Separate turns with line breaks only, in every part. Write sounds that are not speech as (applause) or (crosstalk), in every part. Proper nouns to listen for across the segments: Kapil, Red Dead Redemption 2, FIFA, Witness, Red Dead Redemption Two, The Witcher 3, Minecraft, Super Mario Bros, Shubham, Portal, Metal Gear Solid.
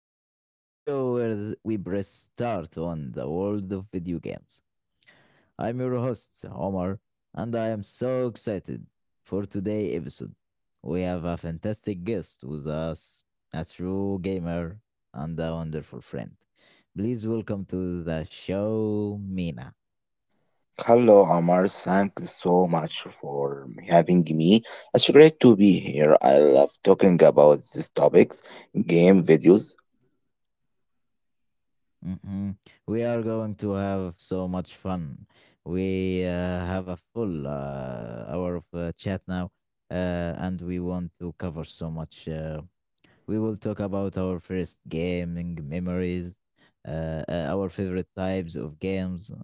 On, the show where we press start on the world of video games. I'm your host, Omar, and I am so excited for today's episode. We have a fantastic guest with us, a true gamer and a wonderful friend. Please welcome to the show, Mina.
Hello, Amar. Thanks so much for having me. It's great to be here. I love talking about these topics game videos.
hmm We are going to have so much fun. We have a full hour of chat now, and we want to cover so much. We will talk about our first gaming memories, our favorite types of games,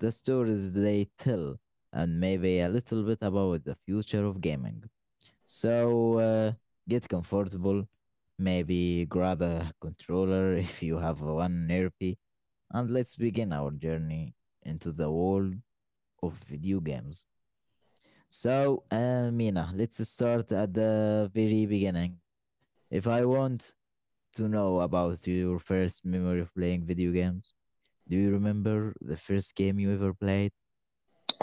the stories they tell, and maybe a little bit about the future of gaming. So get comfortable. Maybe grab a controller (laughs) if you have one nearby, and let's begin our journey into the world of video games. So, Mina, let's start at the very beginning. If I want to know about your first memory of playing video games, do you remember the first game you ever played?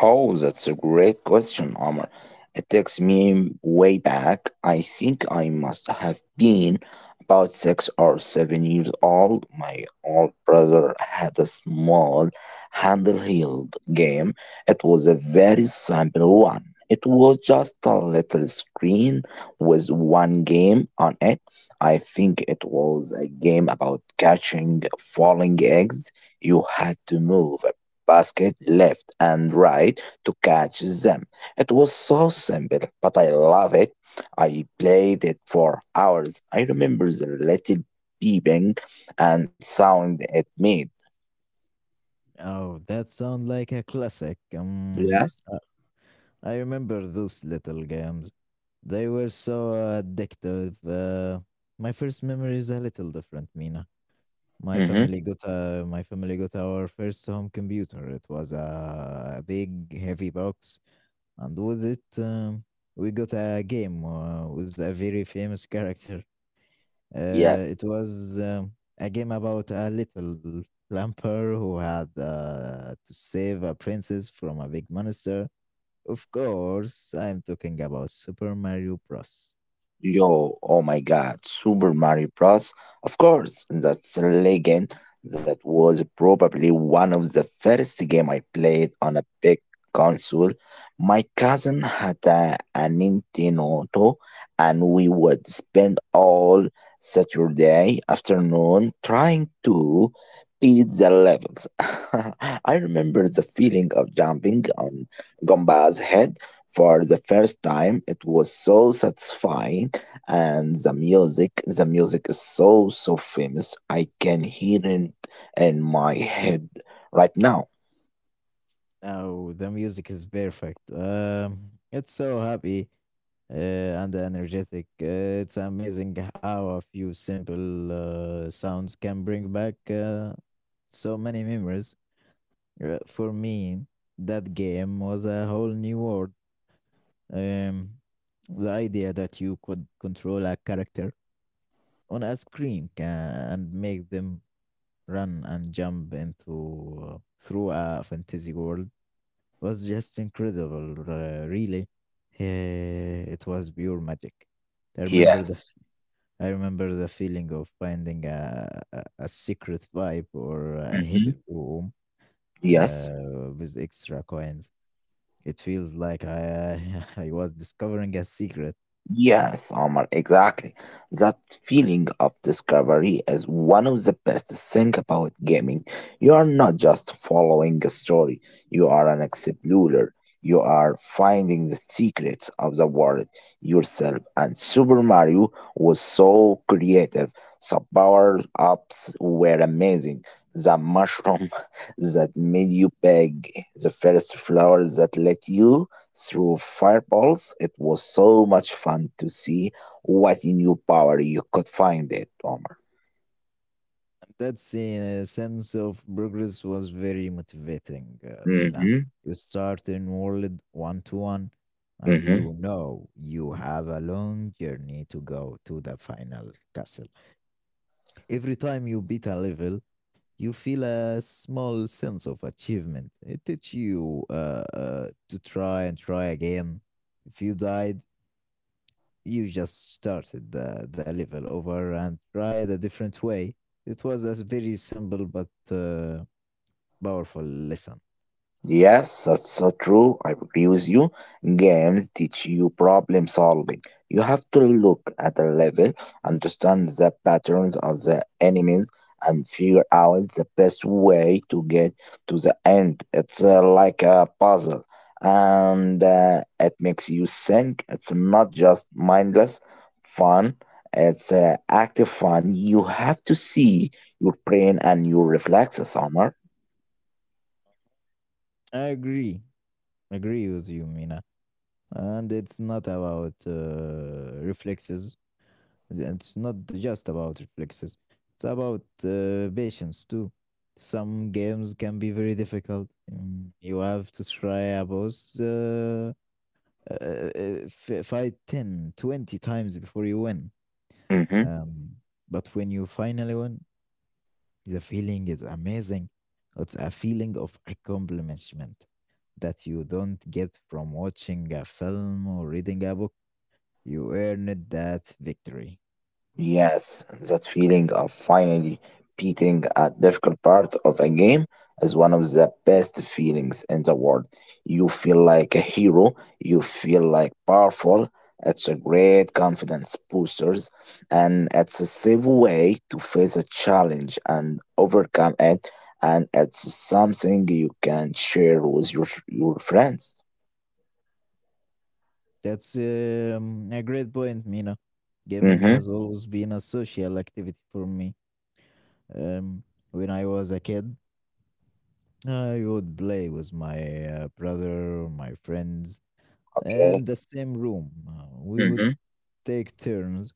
Oh, that's a great question, Omar. It takes me way back. I think I must have been about six or seven years old. My old brother had a small handheld game. It was a very simple one. It was just a little screen with one game on it. I think it was a game about catching falling eggs. You had to move basket left and right to catch them. It was so simple, but I love it. I played it for hours. I remember the little beeping and sound it made.
Oh, that sounds like a classic.
Yes.
I remember those little games. They were so addictive. My first memory is a little different, Mina. My
Mm-hmm.
family got uh, my family got our first home computer. It was a big, heavy box, and with it, we got a game with a very famous character. It
Yes.
was A game about a little plumper who had to save a princess from a big monster. Of course, I'm talking about Super Mario Bros.
Yo, oh my god, Super Mario Bros. Of course, that's a legend. That was probably one of the first game I played on a big console. My cousin had a Nintendo, and we would spend all Saturday afternoon trying to beat the levels. (laughs) I remember the feeling of jumping on Gomba's head for the first time. It was so satisfying, and the music, the music is so so famous. I can hear it in my head right now.
Now the music is perfect. It's so happy and energetic. It's amazing how a few simple sounds can bring back so many memories. For me, that game was a whole new world. Um, the idea that you could control a character on a screen and make them run and jump into through a fantasy world was just incredible, really. It was pure magic. I remember the
Yes.
f- I remember the feeling of finding a secret vibe or a
Hmm.
hidden room
Yes.
with extra coins. It feels like I (laughs) I was discovering a secret.
Yes, Omar, exactly. That feeling of discovery is one of the best things about gaming. You are not just following a story, you are an explorer. You are finding the secrets of the world yourself. And Super Mario was so creative. The power ups were amazing. The mushroom (laughs) that made you big, the first flower that let you through fireballs. It was so much fun to see what new power you could find it, Omar.
That sense of progress was very motivating, Mina.
Mm-hmm.
You start in World 1 to 1, and you know you have a long journey to go to the final castle. Every time you beat a level, you feel a small sense of achievement. It teaches you to try and try again. If you died, you just started the level over and tried a different way. It was a very simple but powerful lesson.
Yes, that's so true. I agree with you. Games teach you problem solving. You have to look at the level, understand the patterns of the enemies, and figure out the best way to get to the end. It's like a puzzle, and it makes you think. It's not just mindless fun. It's active fun. You have to see your brain and your reflexes, Omar.
I agree. Agree with you, Mina. And it's not about reflexes. It's not just about reflexes. It's about patience too. Some games can be very difficult. You have to try a boss fight 10, 20 times before you win.
Hmm
Um, but when you finally win, the feeling is amazing. It's a feeling of accomplishment that you don't get from watching a film or reading a book. You earned that victory.
Yes, that feeling of finally beating a difficult part of a game is one of the best feelings in the world. You feel like a hero, you feel like powerful. It's a great confidence boosters, and it's a safe way to face a challenge and overcome it, and it's something you can share with your friends.
That's a great point, Mina. Gaming
Mm-hmm.
has always been a social activity for me. Um, when I was a kid, I would play with my brother, my friends, in
Okay.
the same room. We would
Mm-hmm.
take turns.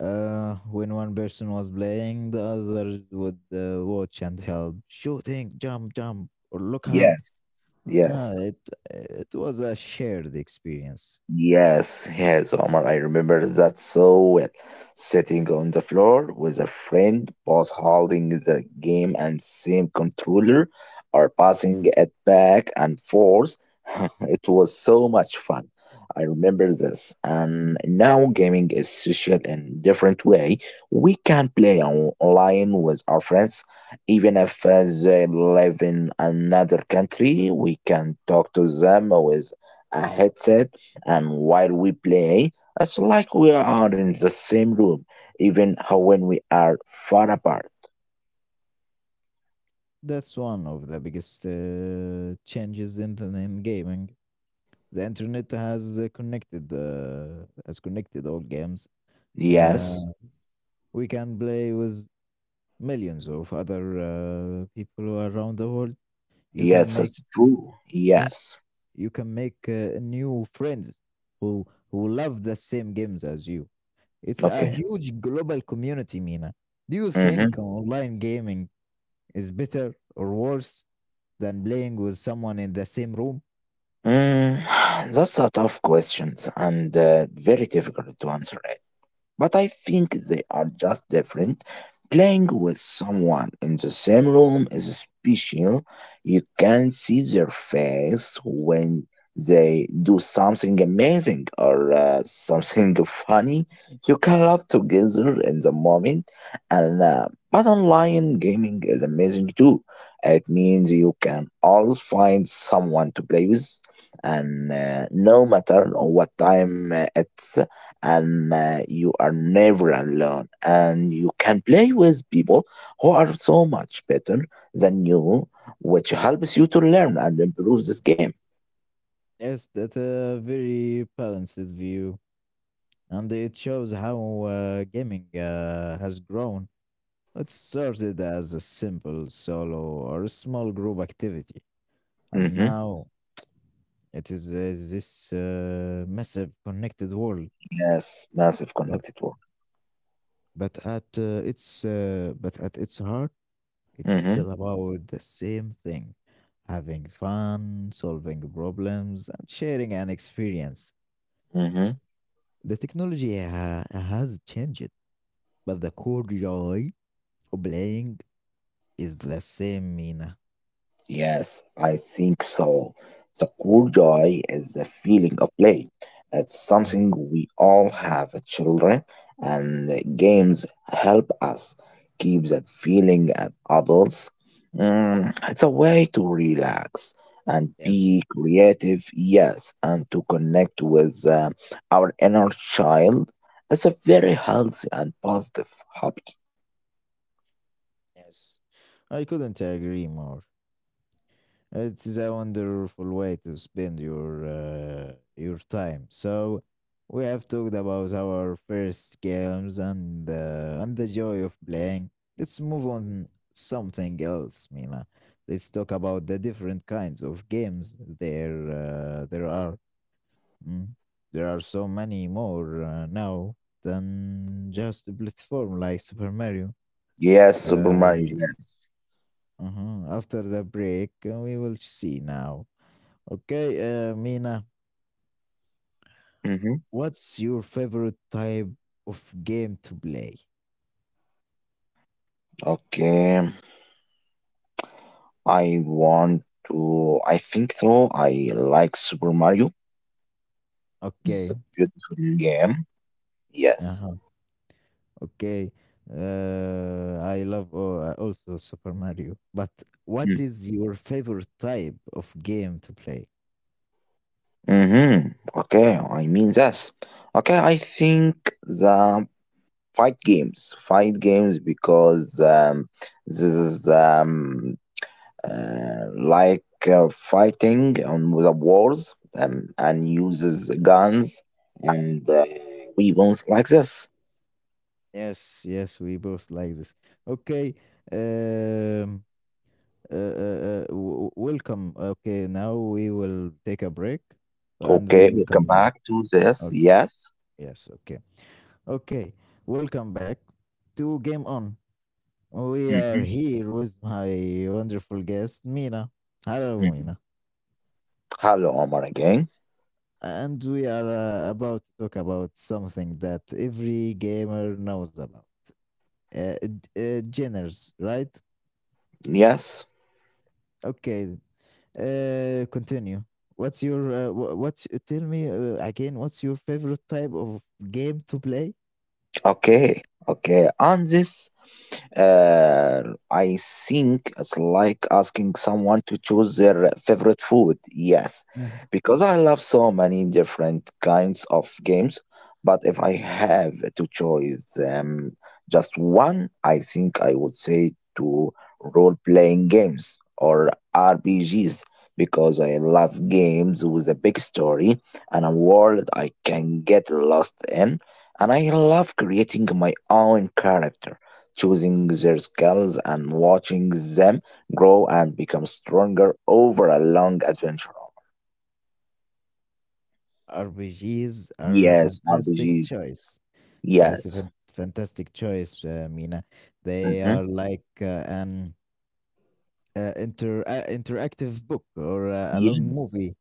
When one person was playing, the other would watch and help. Shooting, jump, jump, or look out.
Yes. Yes.
Uh, it it was a shared experience.
Yes, yes, Omar, I remember that so well. Sitting on the floor with a friend both holding the game and same controller or passing it back and forth. (laughs) It was so much fun. I remember this. And now gaming is social in different way. We can play online with our friends. Even if they live in another country, we can talk to them with a headset and while we play, it's like we are in the same room, even how when we are far apart.
That's one of the biggest changes in in gaming. The internet has connected has connected all games.
Yes,
Uh, we can play with millions of other people around the world. You can
yes,
make
that's true.
Yes,
Yes.
you can make new friends who who love the same games as you. It's a
Okay.
huge global community, Mina. Do you
Mm-hmm.
think online gaming is better or worse than playing with someone in the same room?
Mm, (sighs) that's a tough question and very difficult to answer, but I think they are just different. Playing with someone in the same room is special. You can see their face when they do something amazing or something (laughs) funny. You can laugh together in the moment, and but online gaming is amazing too. It means you can always find someone to play with, and no matter what time it's, and you are never alone, and you can play with people who are so much better than you, which helps you to learn and improve this game.
Yes, that's a very balanced view, and it shows how gaming has grown. It started as a simple solo or a small group activity, and
Mm-hmm.
now it is, this massive connected world,
Yes, massive
but
connected work.
but at its but at its heart, it's
Mm-hmm.
still about the same thing: having fun, solving problems, and sharing an experience.
Mm-hmm.
The technology has changed, but the core joy of playing is the same, Mina.
Yes, I think so. The core joy is the feeling of play. It's
Mm.
something we all have as children, and games help us keep that feeling as adults. It's a way to relax and
Yes,
be creative, yes, and to connect with our inner child. It's a very healthy and positive hobby.
yes, I couldn't agree more. It is a wonderful way to spend your time. So we have talked about our first games and the joy of playing. Let's move on something else, Mina. Let's talk about the different kinds of games there there are. Mm. There are so many more now than just a platform like Super Mario.
Yes, Super Mario,
Uh,
yes.
uh-huh. After the break, we will see now. Okay, Mina,
Mm-hmm.
what's your favorite type of game to play?
Okay. I want to. I think so. I like Super Mario. It's a
Okay,
beautiful game. Yes.
uh-huh, okay. I love also Super Mario, but what is your favorite type of game to play?
Mm-hmm. Okay, I mean this. Okay, I think the fight games, because this is like fighting on the wars and uses guns and weapons like this.
Yes, we both like this. Okay, um, welcome. Okay, now we will take a break and we
Okay,
will
we come
come back.
back to this.
Okay,
Yes.
yes, okay. Okay, welcome back to Game On. We are
Mhm.
here with my wonderful guest, Mina. Hello,
Mhm.
Mina.
Hello, Omar again.
And we are about to talk about something that every gamer knows about uh, genres, right?
Yes.
Okay, continue. What's your, tell me again, what's your favorite type of game to play?
Okay. Okay. On this, I think it's like asking someone to choose their favorite food. Yes,
Mhm.
because I love so many different kinds of games, but if I have to choose just one, I think I would say to role-playing games or RPGs, because I love games with a big story and a world I can get lost in, and I love creating my own character, choosing their skills and watching them grow and become stronger over a long adventure.
RPGs are a
Yes,
fantastic
RPGs.
choice. Yes, a
Yes.
fantastic choice, Mina. They
Hmm.
are like an interactive book or a long
Yes.
movie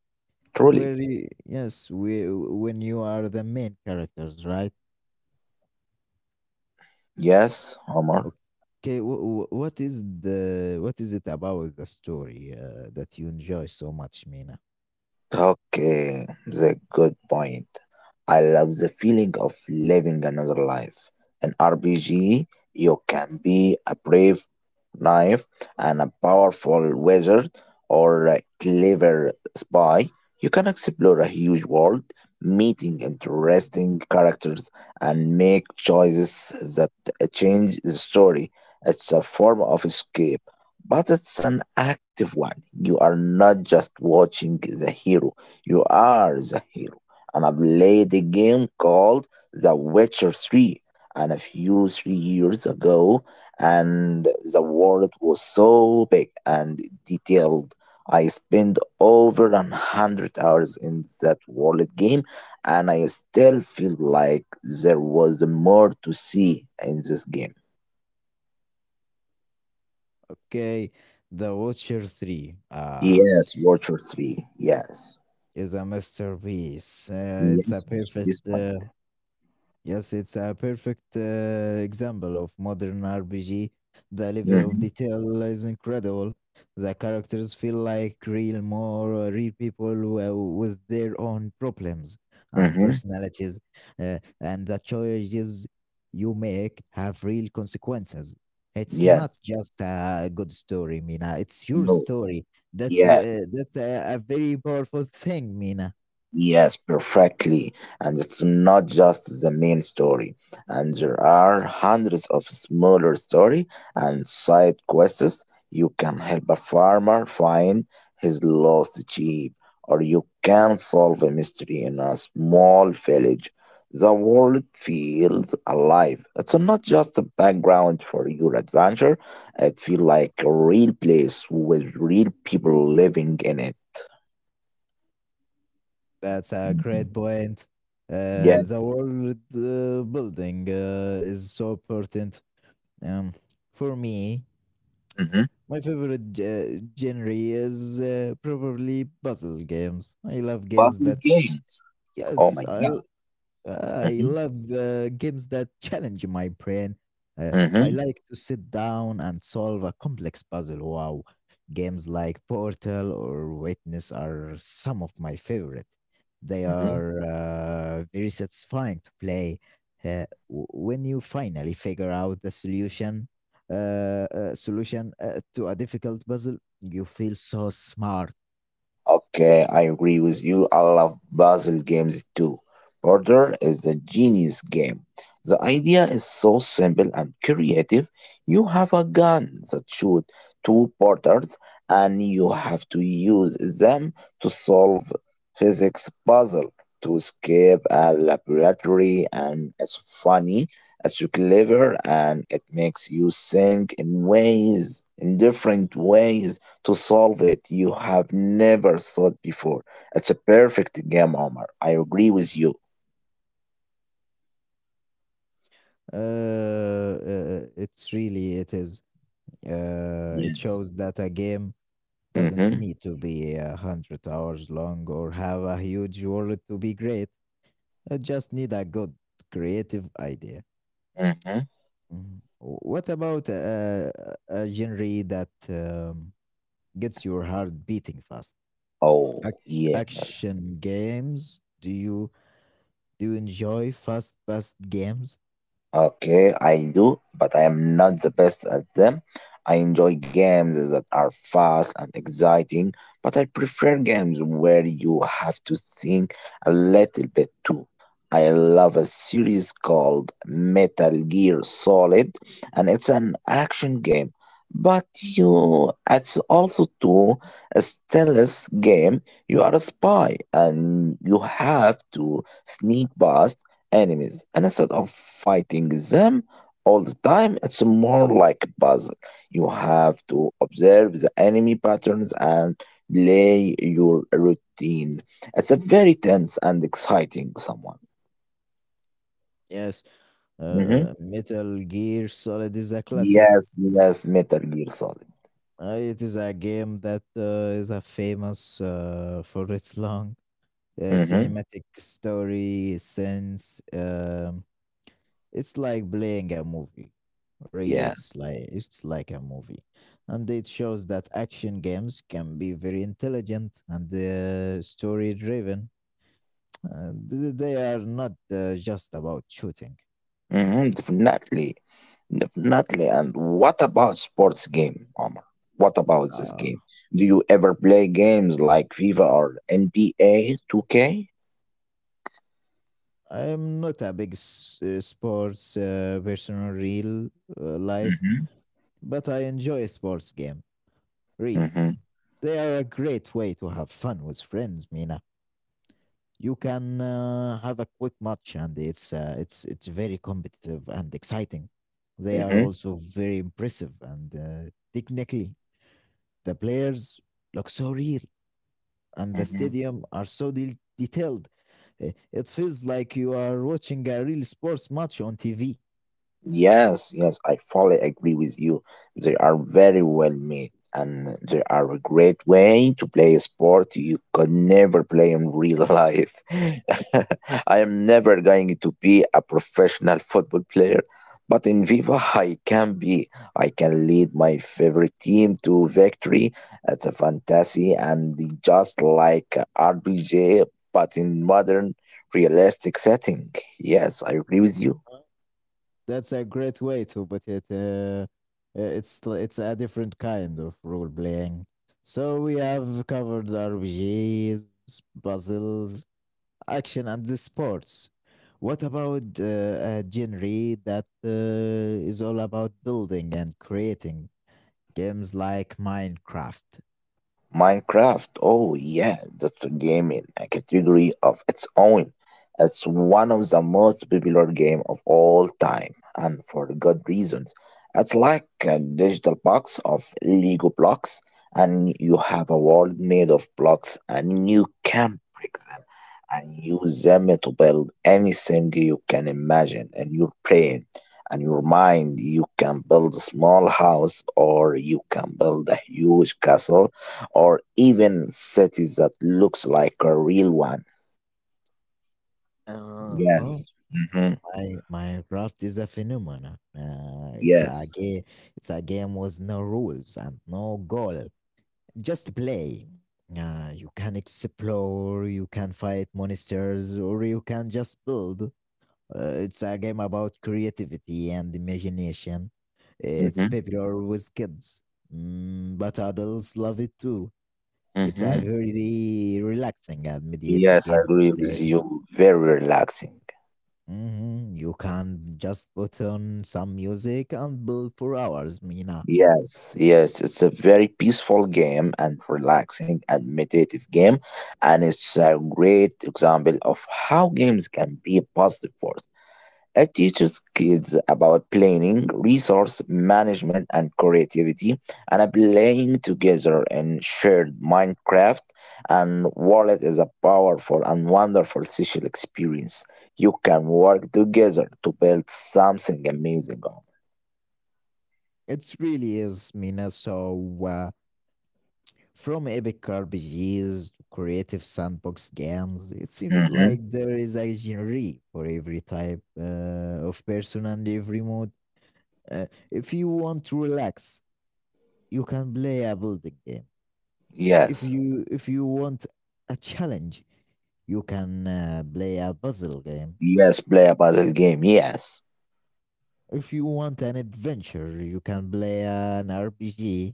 where
Truly.
you, yes we when you are the main characters, right?
Yes, Omar.
Okay, what is the, what is it about the story that you enjoy so much, Mina?
Okay, that's a good point. I love the feeling of living another life. In RPG, you can be a brave knife and a powerful wizard or a clever spy. You can explore a huge world, meeting interesting characters, and make choices that change the story. It's a form of escape, but it's an active one. You are not just watching the hero, you are the hero. And I played a game called The Witcher 3 and a few three years ago, and the world was so big and detailed. I spent over a hundred hours in that world game, and I still feel like there was more to see in this game.
Okay, the Witcher 3
Yes, Witcher 3, yes.
is a masterpiece, it's a
Yes, Mr.
perfect
This Boy.
yes, it's a perfect example of modern RPG. The level of
Mm-hmm.
detail is incredible. The characters feel like real, more real people with their own problems and
Mm-hmm.
personalities, and the choices you make have real consequences. It's not
Yes.
just a good story, Mina. It's your
No.
story.
Yes.
That's a very powerful thing, Mina.
Yes, perfectly. And it's not just the main story. And there are hundreds of smaller story and side quests. You can help a farmer find his lost sheep, or you can solve a mystery in a small village. The world feels alive. It's not just a background for your adventure. It feels like a real place with real people living in it.
That's a great point. The
Yes.
world building is so important. Um, for me,
Mhm.
my favorite genre is probably puzzle games. I love games
Buzzing
that,
games. Oh
yes,
my
I
God.
I
Hmm
love games that challenge my brain. Uh, I
hmm
like to sit down and solve a complex puzzle. Wow. Games like Portal or Witness are some of my favorite. They
hmm
are very satisfying to play. When you finally figure out the solution, to a difficult puzzle, you feel so smart.
Okay, I agree with you. I love puzzle games too. Border is the genius game. The idea is so simple and creative. You have a gun that shoots two porters, and you have to use them to solve physics puzzle to escape a laboratory. And it's funny, it's clever, and it makes you think in ways, in different ways to solve it you have never thought before. It's a perfect game, Omar. I agree with you.
It's really it is. It
Yes.
shows that a game doesn't
Mm-hmm.
need to be a hundred hours long or have a huge world to be great. I just need a good creative idea.
Mm-hmm.
Mhm. What about a genre that gets your heart beating fast?
Oh,
Ac-
yes.
Action games? Do you enjoy fast-paced games?
Okay, I do, but I am not the best at them. I enjoy games that are fast and exciting, but I prefer games where you have to think a little bit too. I love a series called Metal Gear Solid, and it's an action game. But you, it's also too a stealth game. You are a spy, and you have to sneak past enemies, and instead of fighting them all the time, it's more like a puzzle. You have to observe the enemy patterns and play your routine. It's a very tense and exciting someone.
Yes,
Mm-hmm.
Metal Gear Solid is a classic.
Yes, yes, metal gear solid.
It is a game that is famous for its long
Mm-hmm.
cinematic story sense. It's like playing a movie. Really, it's
Yes.
like a movie, and it shows that action games can be very intelligent and story driven. They are not just about shooting.
Mm-hmm. Definitely, definitely. And what about sports game, Omar? What about this
Uh,
game? Do you ever play games like FIFA or NBA 2K?
I'm not a big sports person in real life,
Uh
but I enjoy sports game.
huh. Uh
Really,
huh.
they are a great way to have fun with friends. Mina, you can have a quick match, and it's very competitive and exciting. They
Uh
are
huh.
also very impressive, and technically, the players look so real, and
Uh
the
huh.
stadium are so detailed. It feels like you are watching a real sports match on TV.
Yes, yes, I fully agree with you. They are very well made, and they are a great way to play a sport you could never play in real life. (laughs) I am never going to be a professional football player, but in Viva I can be. I can lead my favorite team to victory. It's a fantasy and just like RPG, but in modern realistic setting. Yes, I agree with you.
That's a great way to put it. It's a different kind of role playing. So we have covered RPGs, puzzles, action, and the sports. What about a genre that is all about building and creating games like Minecraft?
Minecraft, oh yeah, that's a game in a category of its own. It's one of the most popular game of all time, and for good reasons. It's like a digital box of Lego blocks, and you have a world made of blocks, and you can break them and use them to build anything you can imagine in your brain and your mind. You can build a small house, or you can build a huge castle or even cities that looks like a real one.
Uh, oh,
Yes. hmm
my, Minecraft is a phenomenon.
Yes.
It's a game with no rules and no goal, just play. You can explore, you can fight monsters, or you can just build. Uh, it's a game about creativity and imagination. It's
hmm
popular with kids, but adults love it too. It's a
hmm
very relaxing and meditative
Yes, I
game to
agree with
play.
you. Very relaxing.
You can just put on some music and build for hours, Mina.
Yes, yes, it's a very peaceful game and relaxing and meditative game, and it's a great example of how games can be positive force. It teaches kids about planning, resource management, and creativity, and are playing together in shared Minecraft and Wallet is a powerful and wonderful social experience. You can work together to build something amazing.
It really is, Mina. So, uh, from epic RPGs to creative sandbox games, it seems
Mm-hmm.
like there is a genre for every type of person and every mood. If you want to relax, you can play a building game. If
Yes.
you if you want a challenge, you can play a puzzle game.
Yes, play a puzzle game. Yes.
If you want an adventure, you can play an RPG.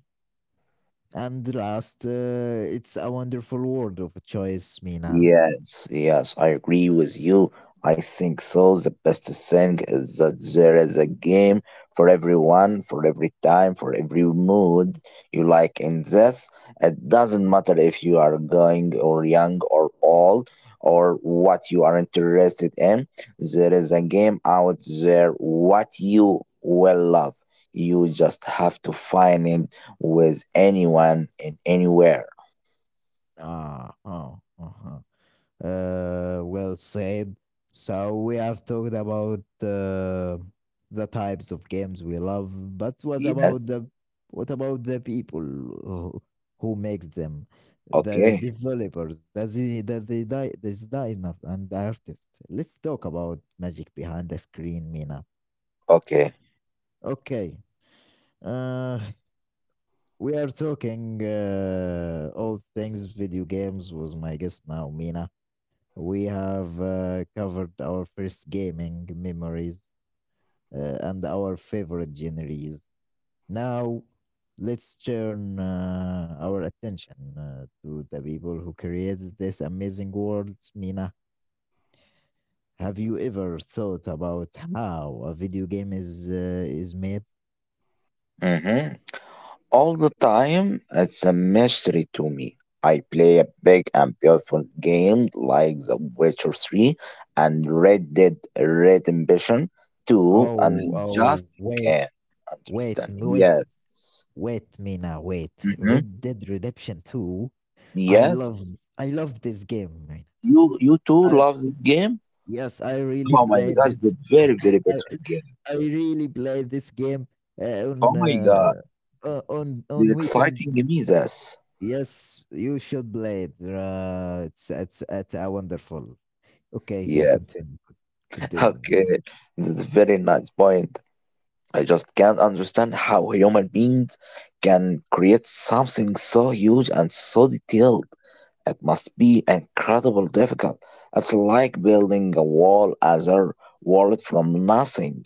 And last, it's a wonderful world of choice, Mina.
Yes, yes, I agree with you. I think so. The best thing is that there is a game for everyone, for every time, for every mood you like in this. It doesn't matter if you are going or young or old or what you are interested in. There is a game out there what you will love. You just have to find it with anyone and anywhere.
Ah, oh, uh-huh. Well said. So we have talked about the types of games we love, but
Yes.
what about the people who makes them, the
Okay.
developers, the zi- the, di- the designer and the artist? Let's talk about magic behind the screen, Mina.
Okay.
Okay. Uh, we are talking all things video games was my guest now, Mina. We have covered our first gaming memories and our favorite genres. Now, let's turn our attention to the people who created this amazing world. Mina, have you ever thought about how a video game is made?
Mhm. All the time, it's a mystery to me. I play a big and beautiful game like The Witcher 3 and Red Dead Redemption 2, and I
Oh, oh,
just
wait,
can't
wait,
understand.
wait,
Yes.
wait, Mina, wait.
Mhm.
Red Dead Redemption Two. I
Yes.
love, I love this game. Mina.
You too
I,
love this game?
Yes, I really
Oh my
play
god, it's a
this.
very, very
(laughs) I
beautiful game.
I really play this game uh,
Oh
on
my god.
uh,
The
on weekend.
exciting game is this.
Yes, you should play it. It's a wonderful. Okay, okay,
Yes.
continue, man.
Okay. This is a very nice point. I just can't understand how human beings can create something so huge and so detailed. It must be incredibly difficult. It's like building a wall as a world from nothing.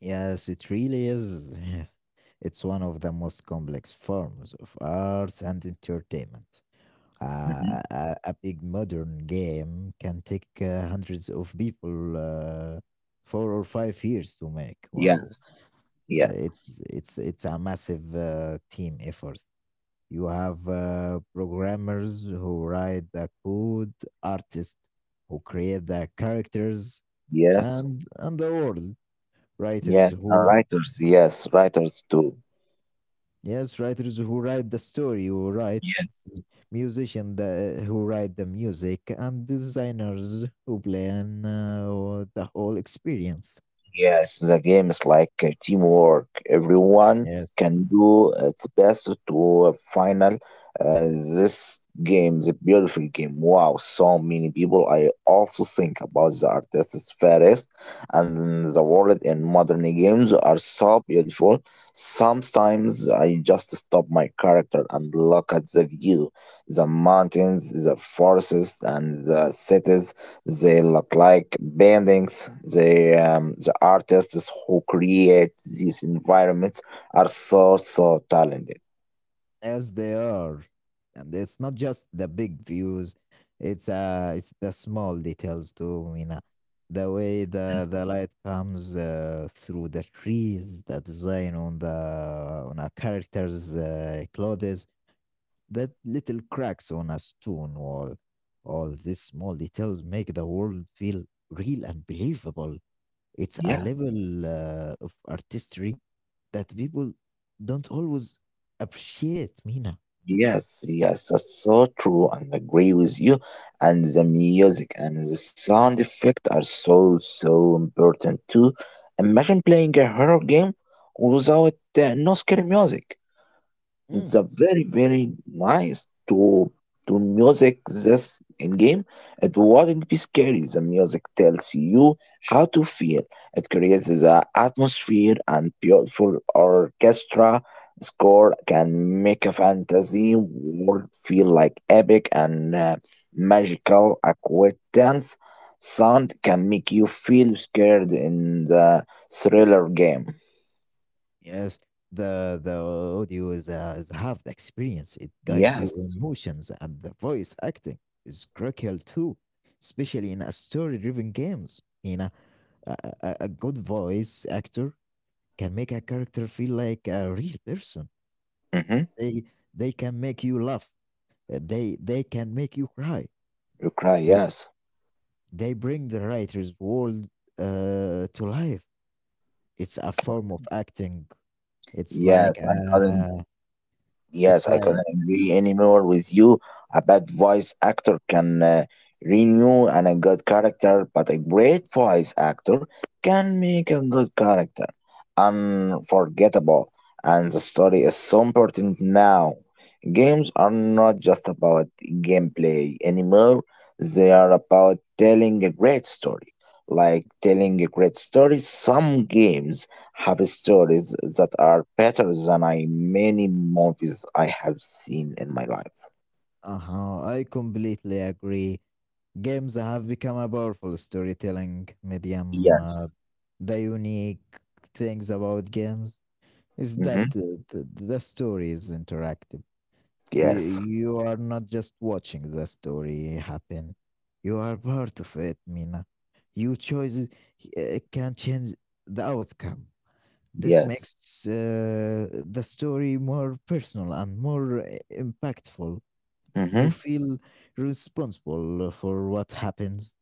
Yes, it really is. (laughs) It's one of the most complex forms of art and entertainment.
Mhm.
A big modern game can take hundreds of people 4 or 5 years to make. Wow,
Yes, yes,
it's a massive team effort. You have programmers who write the code, artists who create the characters,
yes,
and the world writers
yes. And
who...
writers, yes, writers too.
Yes, writers who write the story, who write
Yes.
musician the, who write the music, and designers who plan the whole experience.
Yes, the game is like teamwork. Everyone
Yes,
can do its best to a final. Uh, this game is a beautiful game. Wow, so many people. I also think about the artists first and the world in modern games are so beautiful. Sometimes I just stop my character and look at the view, the mountains, the forests, and the cities they look like paintings. They, the artists who create these environments are so, so talented.
as they are, and it's not just the big views; it's the small details too. You know, the way
Mhm.
the light comes through the trees, the design on the on a character's clothes, that little cracks on a stone wall, all these small details make the world feel real and believable. It's a
Yes,
level of artistry that people don't always appreciate, Mina.
yes, yes, that's so true, and agree with you. And the music and the sound effect are so, so important too. Imagine playing a horror game without no scary music. It's
Mm,
a very very nice to music this in game. It wouldn't be scary. The music tells you how to feel. It creates the atmosphere and beautiful orchestra score can make a fantasy world feel like epic and magical. Acquaintance sound can make you feel scared in the thriller game.
yes, the audio is half the experience. It guides your
Yes.
emotions, and the voice acting is critical too, especially in a story-driven games. You know, a, a good voice actor can make a character feel like a real person.
Mm-hmm.
They they can make you laugh. They can make you cry.
You cry.
Th-
Yes.
They bring the writer's world to life. It's a form of acting. It's like
Yes, I couldn't.
uh, it's
Yes, I
like
couldn't agree anymore with you. A bad voice actor can renew and a good character, but a great voice actor can make a good character unforgettable. And the story is so important now. Games are not just about gameplay anymore. They are about telling a great story. Like telling a great story, some games have stories that are better than I many movies I have seen in my life.
uh huh. I completely agree. Games have become a powerful storytelling medium.
Yes.
The unique things about games is
Mm-hmm.
the story is interactive.
Yes.
You are not just watching the story happen. You are part of it, Mina. Your choices can change the outcome. This
Yes.
makes the story more personal and more impactful.
Mm-hmm.
You feel responsible for what happens.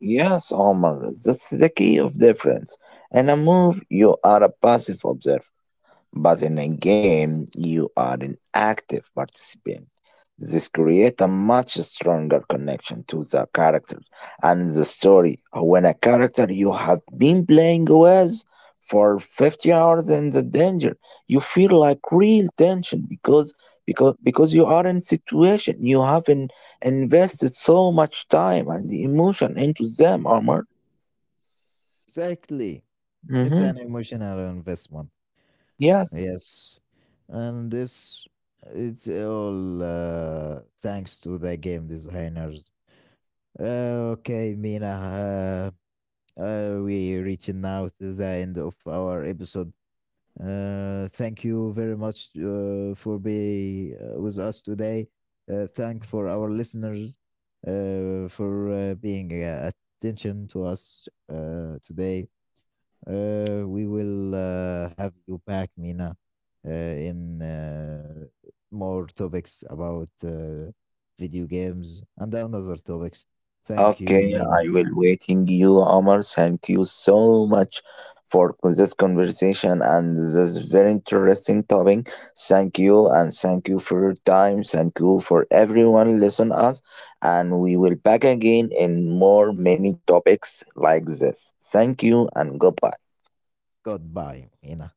Yes, Omar. That's the key of difference. In a movie, you are a passive observer. But in a game, you are an active participant. This creates a much stronger connection to the character and the story. When a character you have been playing with for 50 hours in the danger, you feel like real tension because you are in a situation you haven't invested so much time and emotion into them, Omar.
Exactly. It's
Hmm
an emotional investment.
Yes.
Yes. And this, it's all thanks to the game designers. Okay, Mina, we reaching now to the end of our episode. Thank you very much for being with us today. Thank for our listeners for being attention to us today. We will have you back, Mina, in more topics about video games and other topics. Thank you,
Okay,
Mina.
I will waiting you, Omar. Thank you so much for this conversation and this very interesting topic. Thank you and thank you for your time. Thank you for everyone listen us and we will back again in more many topics like this. Thank you and goodbye.
Goodbye, ina.